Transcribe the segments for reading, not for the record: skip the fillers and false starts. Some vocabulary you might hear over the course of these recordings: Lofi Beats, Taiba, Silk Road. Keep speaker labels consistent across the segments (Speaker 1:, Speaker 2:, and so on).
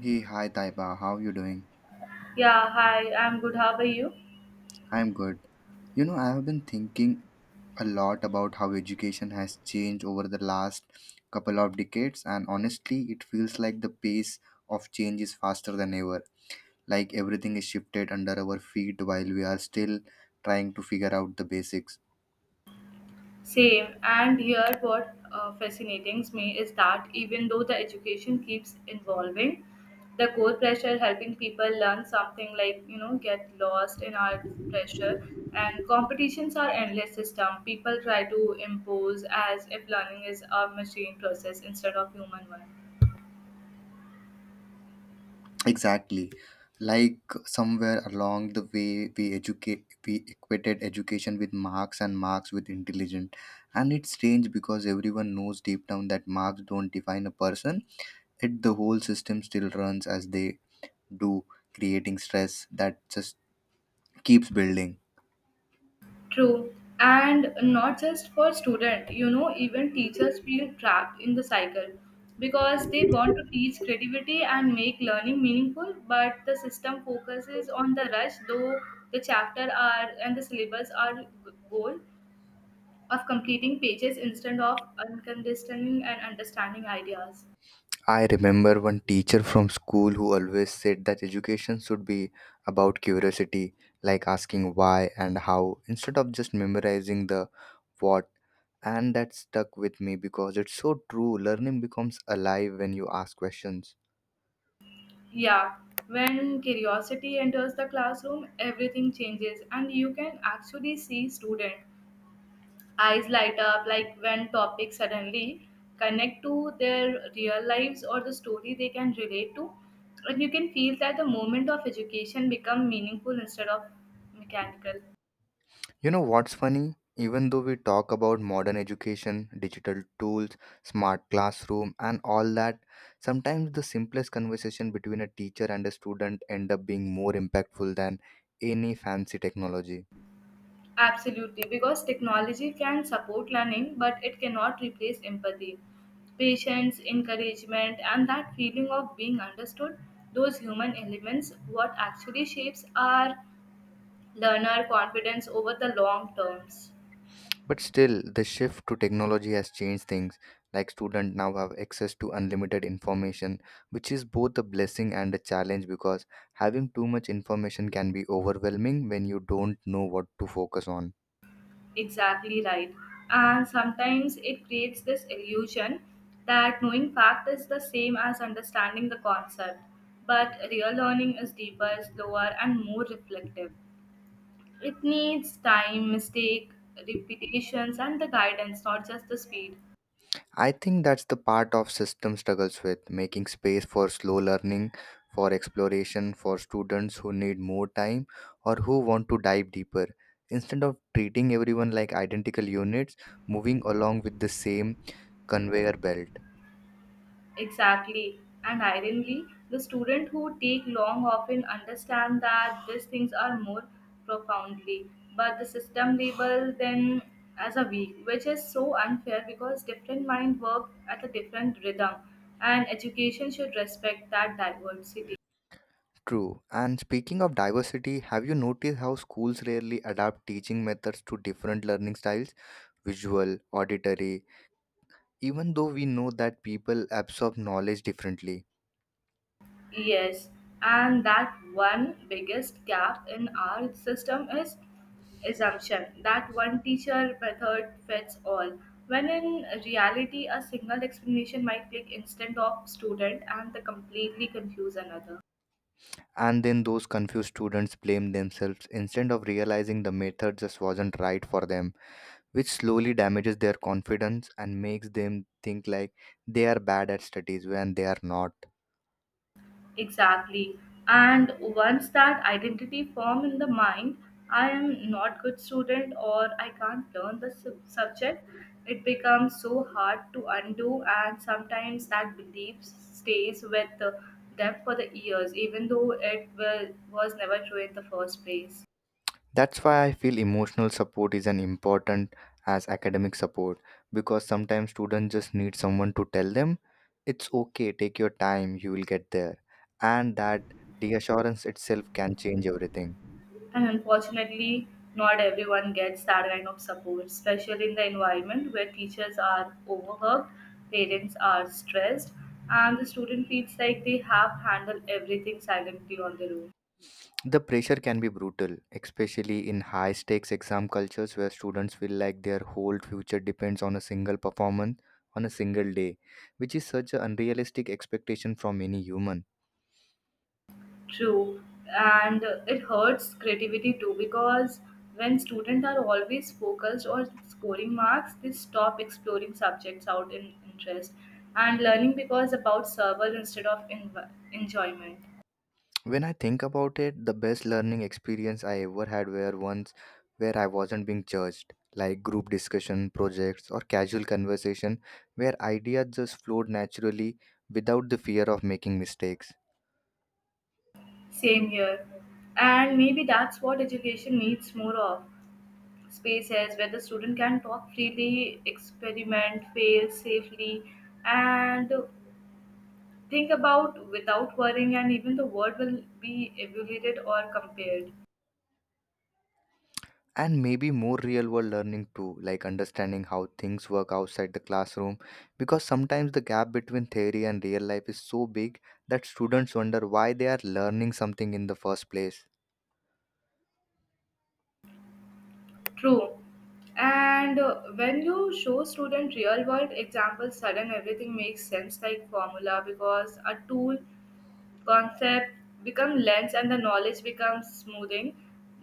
Speaker 1: Hey, hi Taiba, how you doing?
Speaker 2: Yeah, hi, I'm good. How are you?
Speaker 1: I'm good. You know, I have been thinking a lot about how education has changed over the last couple of decades, and honestly, it feels like the pace of change is faster than ever. Like everything is shifted under our feet while we are still trying to figure out the basics.
Speaker 2: Same. And here, what fascinates me is that even though the education keeps evolving, the core pressure helping people learn something like, get lost in our pressure. And competitions are endless system. People try to impose as if learning is a machine process instead of human one.
Speaker 1: Exactly. Like somewhere along the way, we equated education with marks and marks with intelligence. And it's strange because everyone knows deep down that marks don't define a person. It the whole system still runs as they do, creating stress that just keeps building.
Speaker 2: True. And not just for student, you know, even teachers feel trapped in the cycle because they want to teach creativity and make learning meaningful, but the system focuses on the rush, though the chapter are and the syllabus are goal of completing pages instead of understanding and understanding ideas.
Speaker 1: I remember one teacher from school who always said that education should be about curiosity, like asking why and how, instead of just memorizing the what. And that stuck with me because it's so true. Learning becomes alive when you ask questions.
Speaker 2: Yeah, when curiosity enters the classroom, everything changes, and you can actually see student eyes light up like when topics suddenly connect to their real lives or the story they can relate to and you can feel that the moment of education become meaningful instead of mechanical
Speaker 1: You know what's funny? Even though we talk about modern education, digital tools, smart classroom, and all that, sometimes the simplest conversation between a teacher and a student end up being more impactful than any fancy technology.
Speaker 2: absolutely because technology can support learning but it cannot replace empathy patience encouragement and that feeling of being understood those human elements what actually shapes our learner confidence over the long terms.
Speaker 1: But still, the shift to technology has changed things. Like students now have access to unlimited information, which is both a blessing and a challenge because having too much information can be overwhelming when you don't know what to focus on.
Speaker 2: Exactly right. And sometimes it creates this illusion that knowing fact is the same as understanding the concept. But real learning is deeper, slower, and more reflective. It needs time, mistake, repetitions, and the guidance, not just the speed.
Speaker 1: I think that's the part of system struggles with making space for slow learning, for exploration, for students who need more time or who want to dive deeper. Instead of treating everyone like identical units, moving along with the same conveyor belt.
Speaker 2: Exactly. And ironically, the students who take long often understand that these things are more profoundly, but the system labels them as a weak, which is so unfair because different minds work at a different rhythm, and education should respect that diversity.
Speaker 1: True. And speaking of diversity, have you noticed how schools rarely adapt teaching methods to different learning styles? Visual, auditory, even though we know that people absorb knowledge differently.
Speaker 2: Yes, and that one biggest gap in our system is assumption that one teacher method fits all. When in reality, a single explanation might click instead of student and the completely confuse another.
Speaker 1: And then those confused students blame themselves instead of realizing the method just wasn't right for them, which slowly damages their confidence and makes them think like they are bad at studies when they are not.
Speaker 2: Exactly. And once that identity form in the mind, I am not good student or I can't learn the subject. It becomes so hard to undo, and sometimes that belief stays with them for the years, even though was never true in the first place.
Speaker 1: That's why I feel emotional support is an important as academic support because sometimes students just need someone to tell them it's okay, take your time, you will get there. And that reassurance itself can change everything.
Speaker 2: And unfortunately, not everyone gets that kind of support, especially in the environment where teachers are overworked, parents are stressed, and the student feels like they have handled everything silently on their own.
Speaker 1: The pressure can be brutal, especially in high stakes exam cultures where students feel like their whole future depends on a single performance on a single day, which is such an unrealistic expectation from any human.
Speaker 2: True, and it hurts creativity too because when students are always focused on scoring marks, they stop exploring subjects out in interest and learning becomes about survival instead of enjoyment.
Speaker 1: When I think about it, the best learning experience I ever had were ones where I wasn't being judged, like group discussion, projects, or casual conversation where ideas just flowed naturally without the fear of making mistakes.
Speaker 2: Same here. And maybe that's what education needs more of spaces where the student can talk freely, experiment, fail safely, and think about without worrying, and even the word will be evaluated or compared.
Speaker 1: And maybe more real world learning too, like understanding how things work outside the classroom, because sometimes the gap between theory and real life is so big that students wonder why they are learning something in the first place.
Speaker 2: True. And when you show student real world examples, sudden everything makes sense like formula because a tool concept become lens and the knowledge becomes smoothing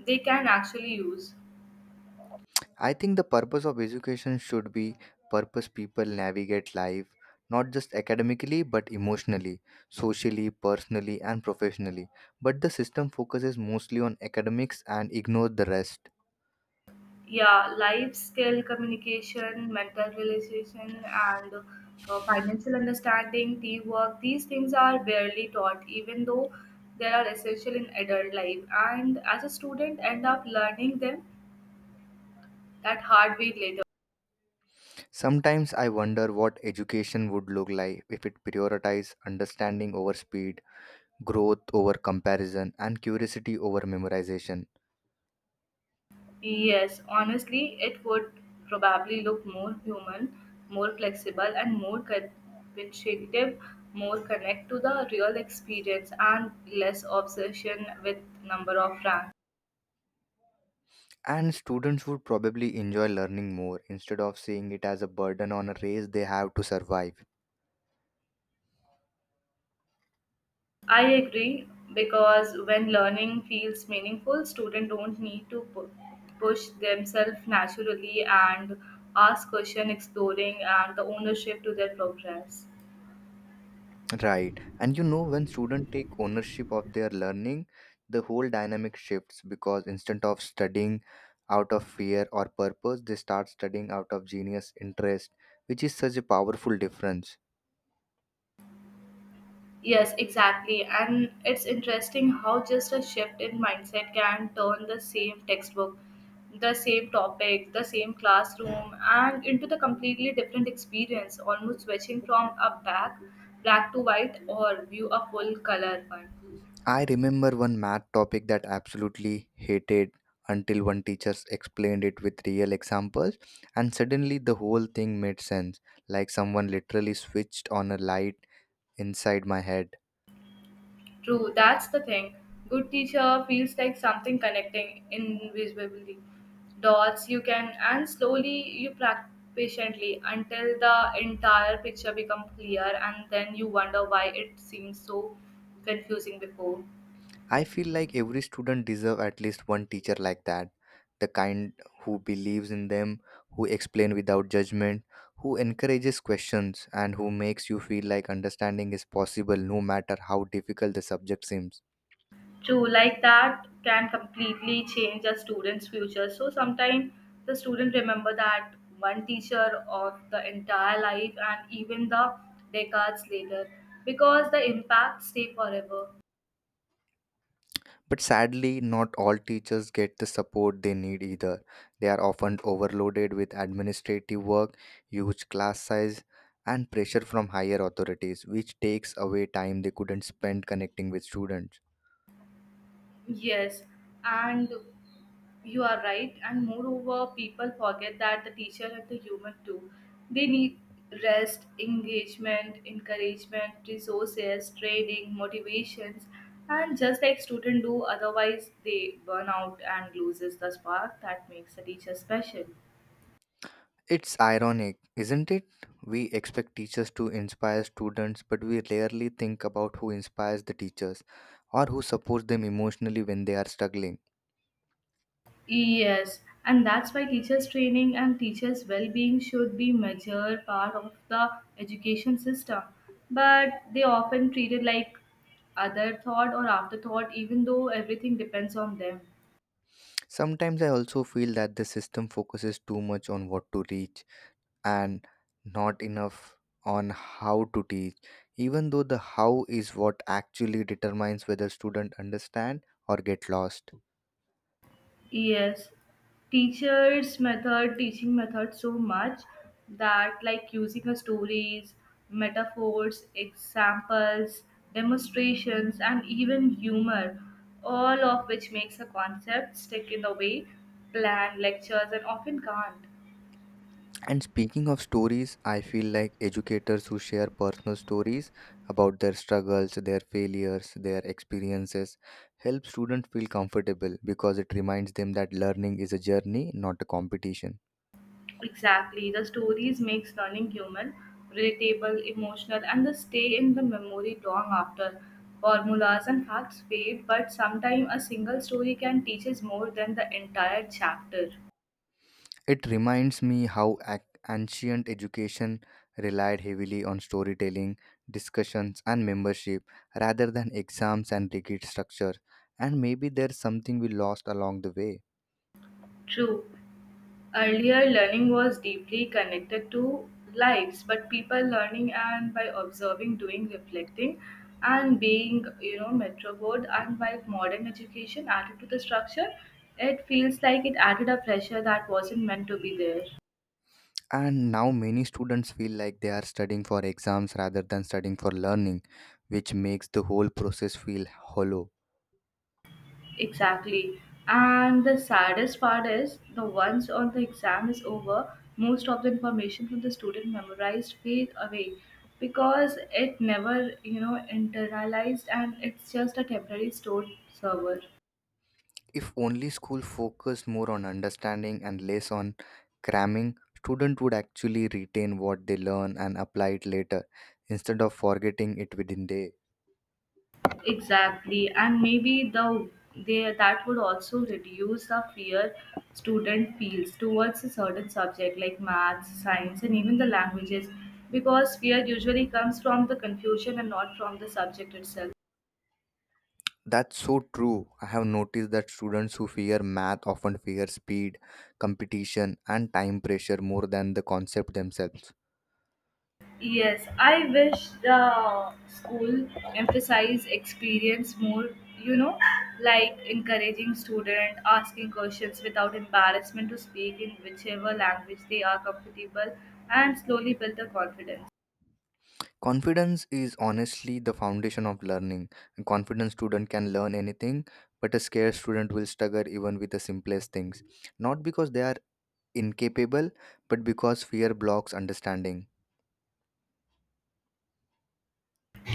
Speaker 2: they can actually use.
Speaker 1: I think the purpose of education should be purpose people navigate life, not just academically but emotionally, socially, personally and professionally, but the system focuses mostly on academics and ignores the rest.
Speaker 2: Yeah, life skill communication mental realization and financial understanding teamwork these things are barely taught even though they are essential in adult life and as a student end up learning them that hardware later.
Speaker 1: Sometimes I wonder what education would look like if it prioritized understanding over speed, growth over comparison, and curiosity over memorization.
Speaker 2: Yes, honestly, it would probably look more human, more flexible, and more convincative, more connect to the real experience, and less obsession with number of ranks.
Speaker 1: And students would probably enjoy learning more instead of seeing it as a burden on a race they have to survive.
Speaker 2: I agree because when learning feels meaningful, students don't need to push themselves naturally and ask question exploring and the ownership to their progress.
Speaker 1: Right. And you know, when students take ownership of their learning, the whole dynamic shifts because instead of studying out of fear or purpose, they start studying out of genius interest, which is such a powerful difference.
Speaker 2: Yes, exactly. And it's interesting how just a shift in mindset can turn the same textbook, the same topic, the same classroom, and into the completely different experience, almost switching from a back black to white or view a full color one.
Speaker 1: I remember one math topic that absolutely hated until one teacher explained it with real examples and suddenly the whole thing made sense, like someone literally switched on a light inside my head.
Speaker 2: True, that's the thing. Good teacher feels like something connecting invisibly dots you can and slowly you practice patiently until the entire picture becomes clear and then you wonder why it seems so confusing before.
Speaker 1: I feel like every student deserves at least one teacher like that. The kind who believes in them, who explain without judgment, who encourages questions and who makes you feel like understanding is possible no matter how difficult the subject seems.
Speaker 2: True, like that can completely change a student's future. So sometimes the student remember that one teacher of the entire life and even the decades later because the impact stay forever.
Speaker 1: But sadly, not all teachers get the support they need either. They are often overloaded with administrative work, huge class size, and pressure from higher authorities, which takes away time they couldn't spend connecting with students.
Speaker 2: Yes, and you are right. And moreover, people forget that the teacher and the human too. They need rest, engagement, encouragement, resources, training, motivations, and just like students do. Otherwise, they burn out and loses the spark that makes a teacher special.
Speaker 1: It's ironic, isn't it? We expect teachers to inspire students, but we rarely think about who inspires the teachers or who supports them emotionally when they are struggling.
Speaker 2: Yes, and that's why teachers' training and teachers' well being should be major part of the education system. But they often treated like other thought or afterthought, even though everything depends on them.
Speaker 1: Sometimes I also feel that the system focuses too much on what to reach and not enough on how to teach, even though the how is what actually determines whether students understand or get lost.
Speaker 2: Yes, teachers' method, teaching method so much that like using a stories, metaphors, examples, demonstrations, and even humor, all of which makes a concept stick in the way planned lectures and often can't.
Speaker 1: And speaking of stories, I feel like educators who share personal stories about their struggles, their failures, their experiences help students feel comfortable because it reminds them that learning is a journey, not a competition.
Speaker 2: Exactly. The stories makes learning human, relatable, emotional, and they stay in the memory long after. Formulas and facts fade, but sometimes a single story can teach us more than the entire chapter.
Speaker 1: It reminds me how ancient education relied heavily on storytelling, discussions, and membership rather than exams and rigid structure. And maybe there's something we lost along the way.
Speaker 2: True. Earlier, learning was deeply connected to lives, but people learning and by observing, doing, reflecting, and being, you know, metro board. And while modern education added to the structure, it feels like it added a pressure that wasn't meant to be there.
Speaker 1: And now many students feel like they are studying for exams rather than studying for learning, which makes the whole process feel hollow.
Speaker 2: Exactly. And the saddest part is the once on the exam is over, most of the information from the student memorized fade away because it never, you know, internalized and it's just a temporary stored server.
Speaker 1: If only school focused more on understanding and less on cramming, students would actually retain what they learn and apply it later instead of forgetting it within day.
Speaker 2: Exactly. And maybe they that would also reduce the fear student feels towards a certain subject like maths, science, and even the languages because fear usually comes from the confusion and not from the subject itself.
Speaker 1: That's so true. I have noticed that students who fear math often fear speed, competition, and time pressure more than the concept themselves.
Speaker 2: Yes, I wish the school emphasize experience more, you know, like encouraging student asking questions without embarrassment to speak in whichever language they are comfortable and slowly build the confidence.
Speaker 1: Confidence is honestly the foundation of learning. A confident student can learn anything, but a scared student will struggle even with the simplest things. Not because they are incapable, but because fear blocks understanding.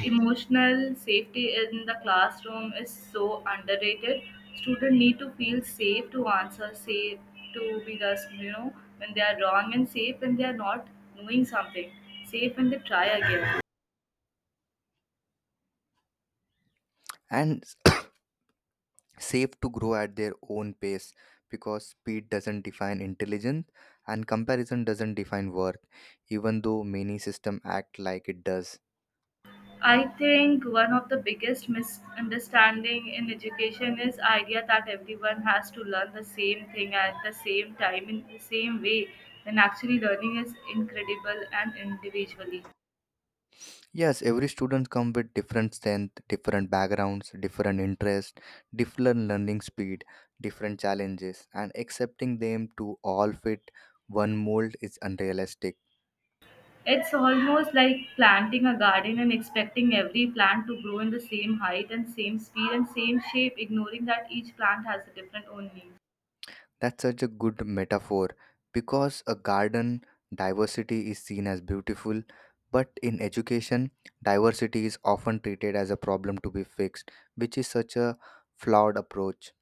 Speaker 2: Emotional safety in the classroom is so underrated. Students need to feel safe to answer, safe to be just, you know, when they are wrong and safe when they are not knowing something, safe when they try again.
Speaker 1: And safe to grow at their own pace because speed doesn't define intelligence and comparison doesn't define worth, even though many systems act like it does.
Speaker 2: I think one of the biggest misunderstanding in education is idea that everyone has to learn the same thing at the same time in the same way when actually learning is incredible and individually.
Speaker 1: Yes, every student comes with different strength, different backgrounds, different interests, different learning speed, different challenges, and accepting them to all fit one mold is unrealistic.
Speaker 2: It's almost like planting a garden and expecting every plant to grow in the same height and same speed and same shape, ignoring that each plant has a different own needs.
Speaker 1: That's such a good metaphor because a garden diversity is seen as beautiful, but in education, diversity is often treated as a problem to be fixed, which is such a flawed approach.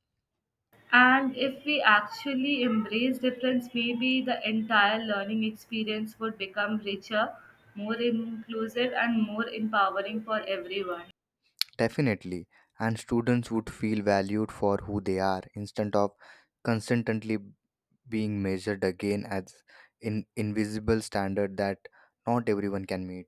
Speaker 2: And if we actually embrace difference, maybe the entire learning experience would become richer, more inclusive, and more empowering for everyone.
Speaker 1: Definitely. And students would feel valued for who they are instead of constantly being measured again as in invisible standard that not everyone can meet.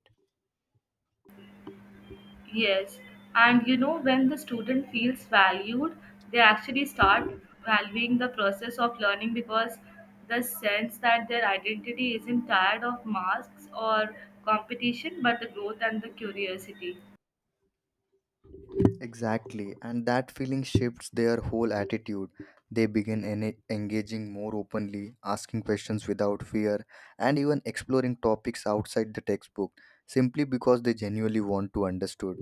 Speaker 2: Yes, and you know, when the student feels valued, they actually start valuing the process of learning because the sense that their identity isn't tied of masks or competition but the growth and the curiosity.
Speaker 1: Exactly. And that feeling shifts their whole attitude. They begin engaging more openly, asking questions without fear, and even exploring topics outside the textbook simply because they genuinely want to understand.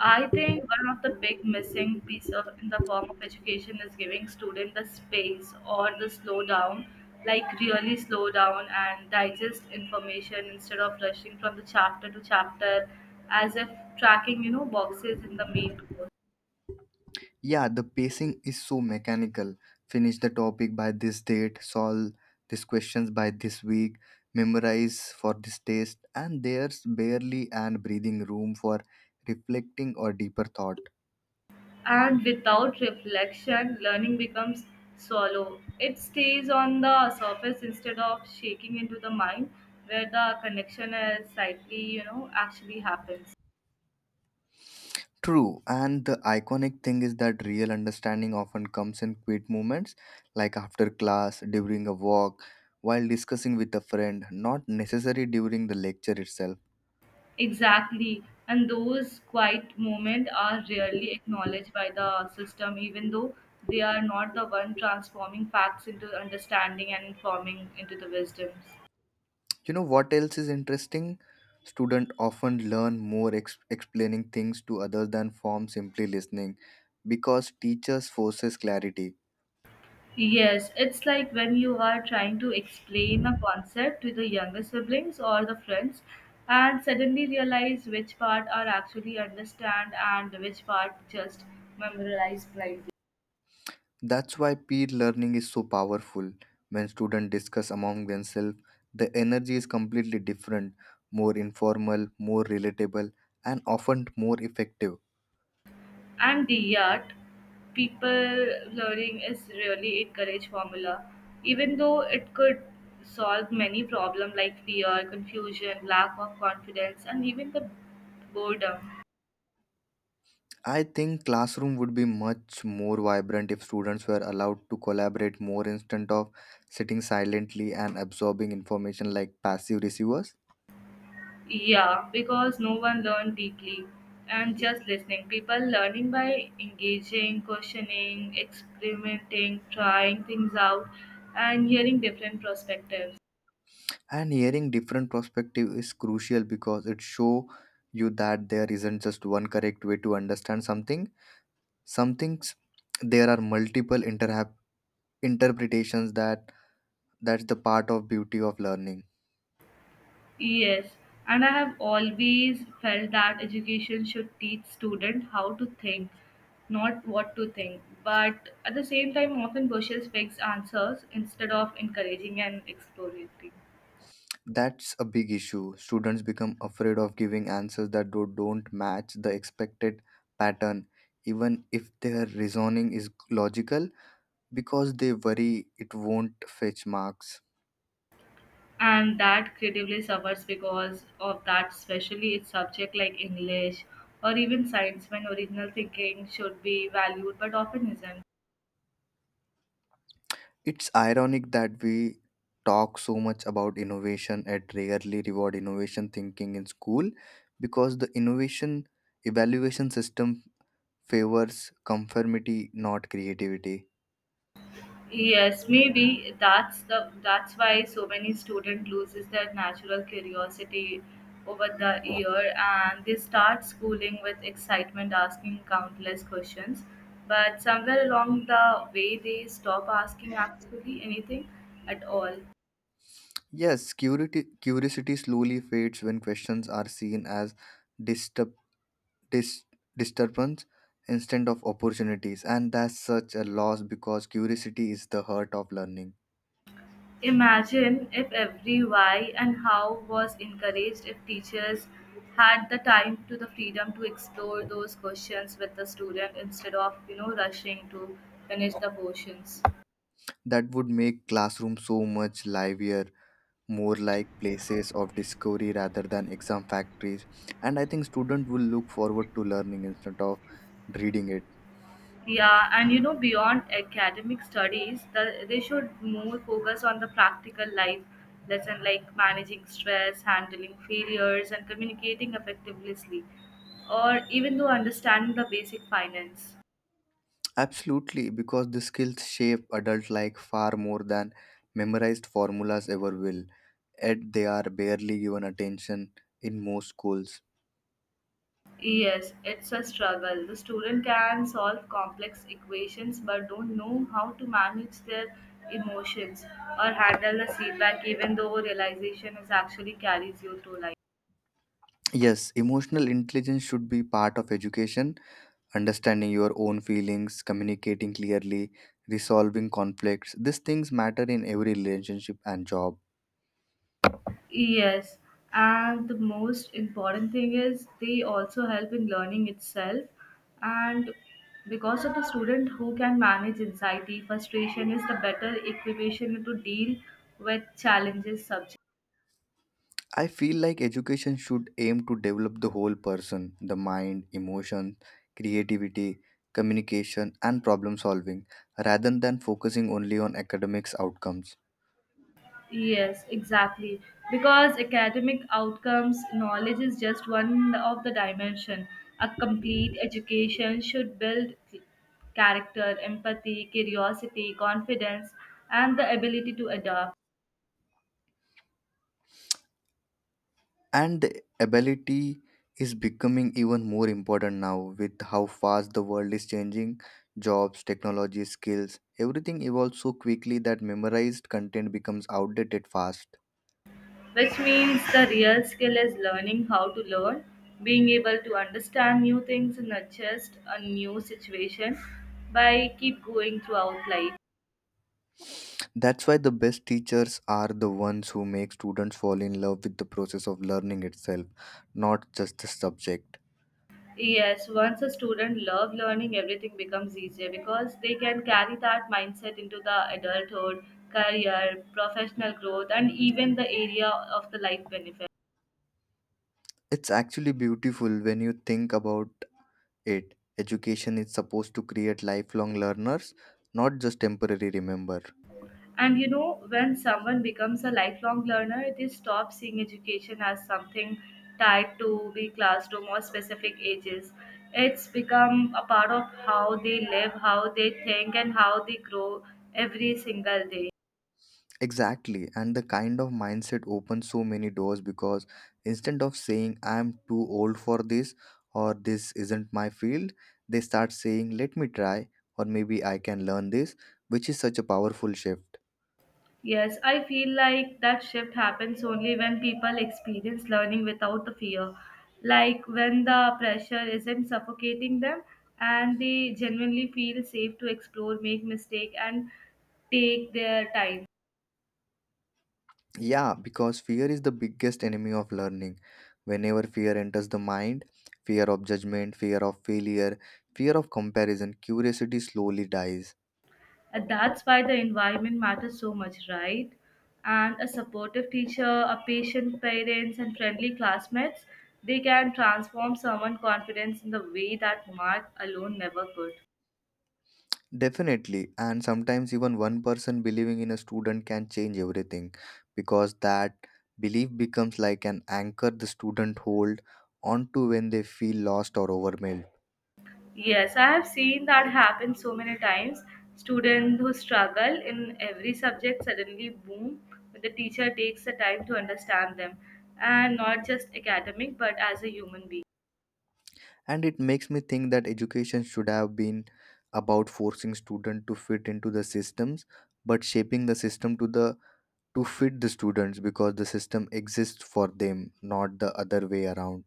Speaker 2: I think one of the big missing piece of in the form of education is giving student the space or the slow down, like really slow down and digest information instead of rushing from the chapter to chapter as if tracking, you know, boxes in the main course.
Speaker 1: Yeah, the pacing is so mechanical. Finish the topic by this date, solve these questions by this week, memorize for this test, and there's barely an breathing room for reflecting or deeper thought.
Speaker 2: And without reflection, learning becomes shallow. It stays on the surface instead of shaking into the mind where the connection is slightly, you know, actually happens.
Speaker 1: True, and the iconic thing is that real understanding often comes in quiet moments, like after class, during a walk, while discussing with a friend, not necessary during the lecture itself.
Speaker 2: Exactly. And those quiet moments are rarely acknowledged by the system, even though they are not the one transforming facts into understanding and informing into the wisdoms.
Speaker 1: You know what else is interesting? Students often learn more explaining things to others than form simply listening because teachers forces clarity.
Speaker 2: Yes, it's like when you are trying to explain a concept to the younger siblings or the friends and suddenly realize which part are actually understand and which part just memorize blindly.
Speaker 1: That's why peer learning is so powerful. When students discuss among themselves, the energy is completely different, more informal, more relatable, and often more effective.
Speaker 2: And the yacht people learning is really a courage formula even though it could solve many problems like fear confusion lack of confidence and even the boredom.
Speaker 1: I think classroom would be much more vibrant if students were allowed to collaborate more instead of sitting silently and absorbing information like passive receivers.
Speaker 2: Yeah, because no one learned deeply and just listening people learning by engaging questioning experimenting trying things out and hearing different perspectives.
Speaker 1: And hearing different perspective is crucial because it show you that there isn't just one correct way to understand something. Some things there are multiple interhap interpretations that that's the part of beauty of learning.
Speaker 2: Yes, and I have always felt that education should teach student how to think, not what to think. But at the same time, often pushes fixed answers instead of encouraging and exploring.
Speaker 1: That's a big issue. Students become afraid of giving answers that don't match the expected pattern, even if their reasoning is logical, because they worry it won't fetch marks.
Speaker 2: And that creatively suffers because of that, especially its subject like English or even science, when original thinking should be valued but often isn't.
Speaker 1: It's ironic that we talk so much about innovation and rarely reward innovation thinking in school because the innovation evaluation system favors conformity, not creativity.
Speaker 2: Yes, maybe that's why so many student loses their natural curiosity over the year and they start schooling with excitement asking countless questions. But somewhere along the way they stop asking actually anything at all.
Speaker 1: Yes, curiosity slowly fades when questions are seen as disturb, dis, disturbance instead of opportunities, and that's such a loss because curiosity is the heart of learning.
Speaker 2: Imagine if every why and how was encouraged, if teachers had the time to the freedom to explore those questions with the student instead of, you know, rushing to finish the portions.
Speaker 1: That would make classrooms so much livelier, more like places of discovery rather than exam factories. And I think students will look forward to learning instead of reading it.
Speaker 2: Yeah, and you know, beyond academic studies, they should more focus on the practical life lesson like managing stress, handling failures, and communicating effectively, or even though understanding the basic finance.
Speaker 1: Absolutely, because the skills shape adult life far more than memorized formulas ever will, yet they are barely given attention in most schools.
Speaker 2: Yes, it's a struggle. The student can solve complex equations but don't know how to manage their emotions or handle the feedback even though realization is actually carries you through life.
Speaker 1: Yes, emotional intelligence should be part of education, understanding your own feelings, communicating clearly, resolving conflicts. These things matter in every relationship and job.
Speaker 2: Yes, and the most important thing is they also help in learning itself. And because of the student who can manage anxiety, frustration is the better equation to deal with challenges subject.
Speaker 1: I feel like education should aim to develop the whole person, the mind, emotion, creativity, communication, and problem solving, rather than focusing only on academics outcomes.
Speaker 2: Yes, exactly. Because academic outcomes knowledge is just one of the dimension. A complete education should build character, empathy, curiosity, confidence, and the ability to adapt.
Speaker 1: And the ability is becoming even more important now with how fast the world is changing. Jobs, technology, skills, everything evolves so quickly that memorized content becomes outdated fast.
Speaker 2: Which means the real skill is learning how to learn, being able to understand new things and adjust a new situation by keep going throughout life.
Speaker 1: That's why the best teachers are the ones who make students fall in love with the process of learning itself, not just the subject.
Speaker 2: Yes, once a student love learning, everything becomes easier because they can carry that mindset into the adulthood, career, professional growth, and even the area of the life benefit.
Speaker 1: It's actually beautiful when you think about it. Education is supposed to create lifelong learners, not just temporary remember.
Speaker 2: And when someone becomes a lifelong learner, they stop seeing education as something tied to the classroom or specific ages. It's become a part of how they live, how they think, and how they grow every single day.
Speaker 1: Exactly, and the kind of mindset opens so many doors because instead of saying I'm too old for this or this isn't my field, they start saying let me try or maybe I can learn this, which is such a powerful shift.
Speaker 2: Yes, I feel like that shift happens only when people experience learning without the fear. Like when the pressure isn't suffocating them and they genuinely feel safe to explore, make mistake and take their time.
Speaker 1: Yeah, because fear is the biggest enemy of learning. Whenever fear enters the mind, fear of judgment, fear of failure, fear of comparison, curiosity slowly dies.
Speaker 2: And that's why the environment matters so much, right? And a supportive teacher, a patient parents and friendly classmates, they can transform someone's confidence in the way that mark alone never could.
Speaker 1: Definitely, and sometimes even one person believing in a student can change everything because that belief becomes like an anchor the student hold onto when they feel lost or overwhelmed.
Speaker 2: Yes, I have seen that happen so many times. Students who struggle in every subject suddenly boom when the teacher takes the time to understand them, and not just academic but as a human being.
Speaker 1: And it makes me think that education should have been about forcing students to fit into the systems, but shaping the system to the to fit the students because the system exists for them, not the other way around.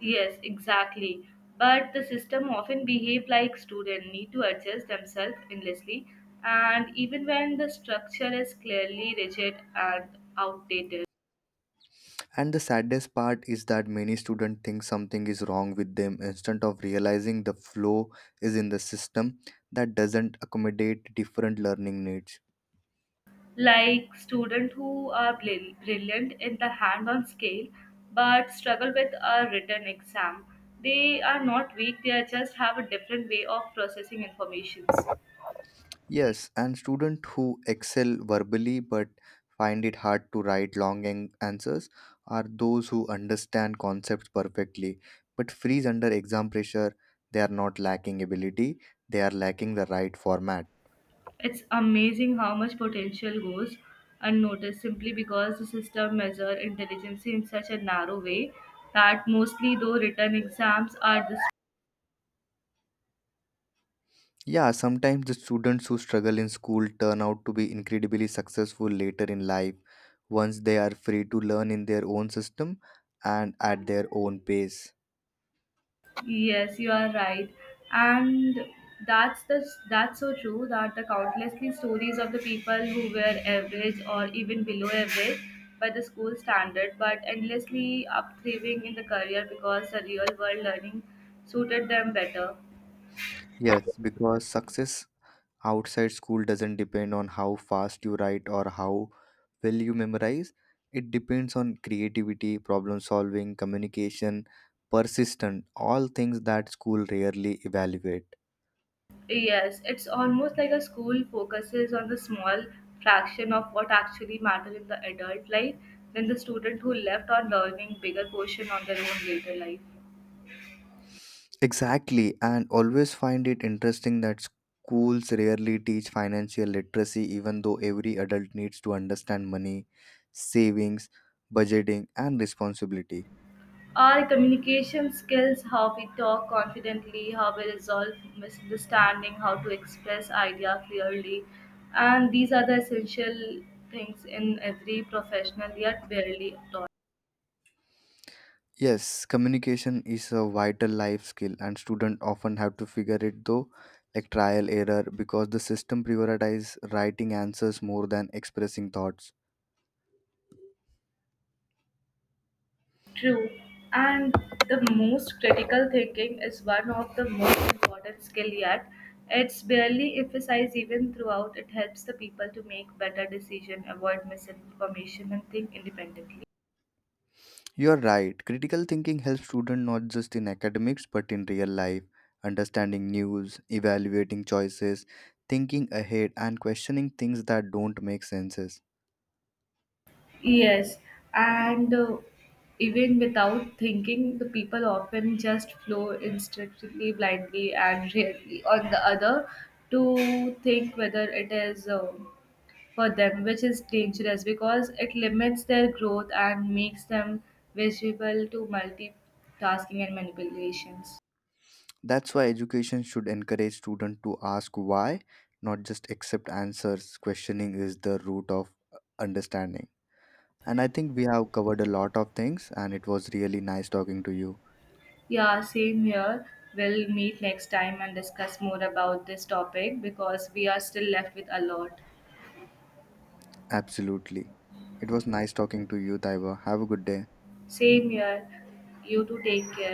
Speaker 2: Yes, exactly. But the system often behave like students need to adjust themselves endlessly, and even when the structure is clearly rigid and outdated.
Speaker 1: And the saddest part is that many students think something is wrong with them instead of realizing the flaw is in the system that doesn't accommodate different learning needs.
Speaker 2: Like students who are brilliant in the hand-on scale but struggle with a written exam. They are not weak, they are just have a different way of processing information.
Speaker 1: Yes, and students who excel verbally but find it hard to write long answers are those who understand concepts perfectly but freeze under exam pressure. They are not lacking ability, they are lacking the right format.
Speaker 2: It's amazing how much potential goes unnoticed simply because the system measure intelligence in such a narrow way that mostly though written exams are the.
Speaker 1: Yeah, sometimes the students who struggle in school turn out to be incredibly successful later in life once they are free to learn in their own system and at their own pace.
Speaker 2: Yes, you are right. And that's the that's so true that the countlessly stories of the people who were average or even below average by the school standard, but endlessly up thriving in the career because the real world learning suited them better.
Speaker 1: Yes, because success outside school doesn't depend on how fast you write or how well you memorize. It depends on creativity, problem solving, communication, persistence, all things that school rarely evaluate.
Speaker 2: Yes, it's almost like a school focuses on the small fraction of what actually matters in the adult life than the student who left on learning bigger portion on their own later life.
Speaker 1: Exactly, and always find it interesting that schools rarely teach financial literacy, even though every adult needs to understand money, savings, budgeting, and responsibility.
Speaker 2: Our communication skills, how we talk confidently, how we resolve misunderstanding, how to express idea clearly, and these are the essential things in every professional yet barely taught.
Speaker 1: Yes, communication is a vital life skill, and students often have to figure it though, like trial error, because the system prioritizes writing answers more than expressing thoughts.
Speaker 2: True. And the most critical thinking is one of the most important skill yet. It's barely emphasized even throughout. It helps the people to make better decision, avoid misinformation, and think independently.
Speaker 1: You're right. Critical thinking helps students not just in academics but in real life, understanding news, evaluating choices, thinking ahead, and questioning things that don't make senses.
Speaker 2: Yes, and even without thinking, the people often just flow instinctively, blindly, and rarely on the other to think whether it is for them, which is dangerous because it limits their growth and makes them visible to multitasking and manipulations.
Speaker 1: That's why education should encourage students to ask why, not just accept answers. Questioning is the root of understanding. And I think we have covered a lot of things, and it was really nice talking to you.
Speaker 2: Yeah, same here. We'll meet next time and discuss more about this topic because we are still left with a lot.
Speaker 1: Absolutely. It was nice talking to you, Taiba. Have a good day.
Speaker 2: Same here. You too take care.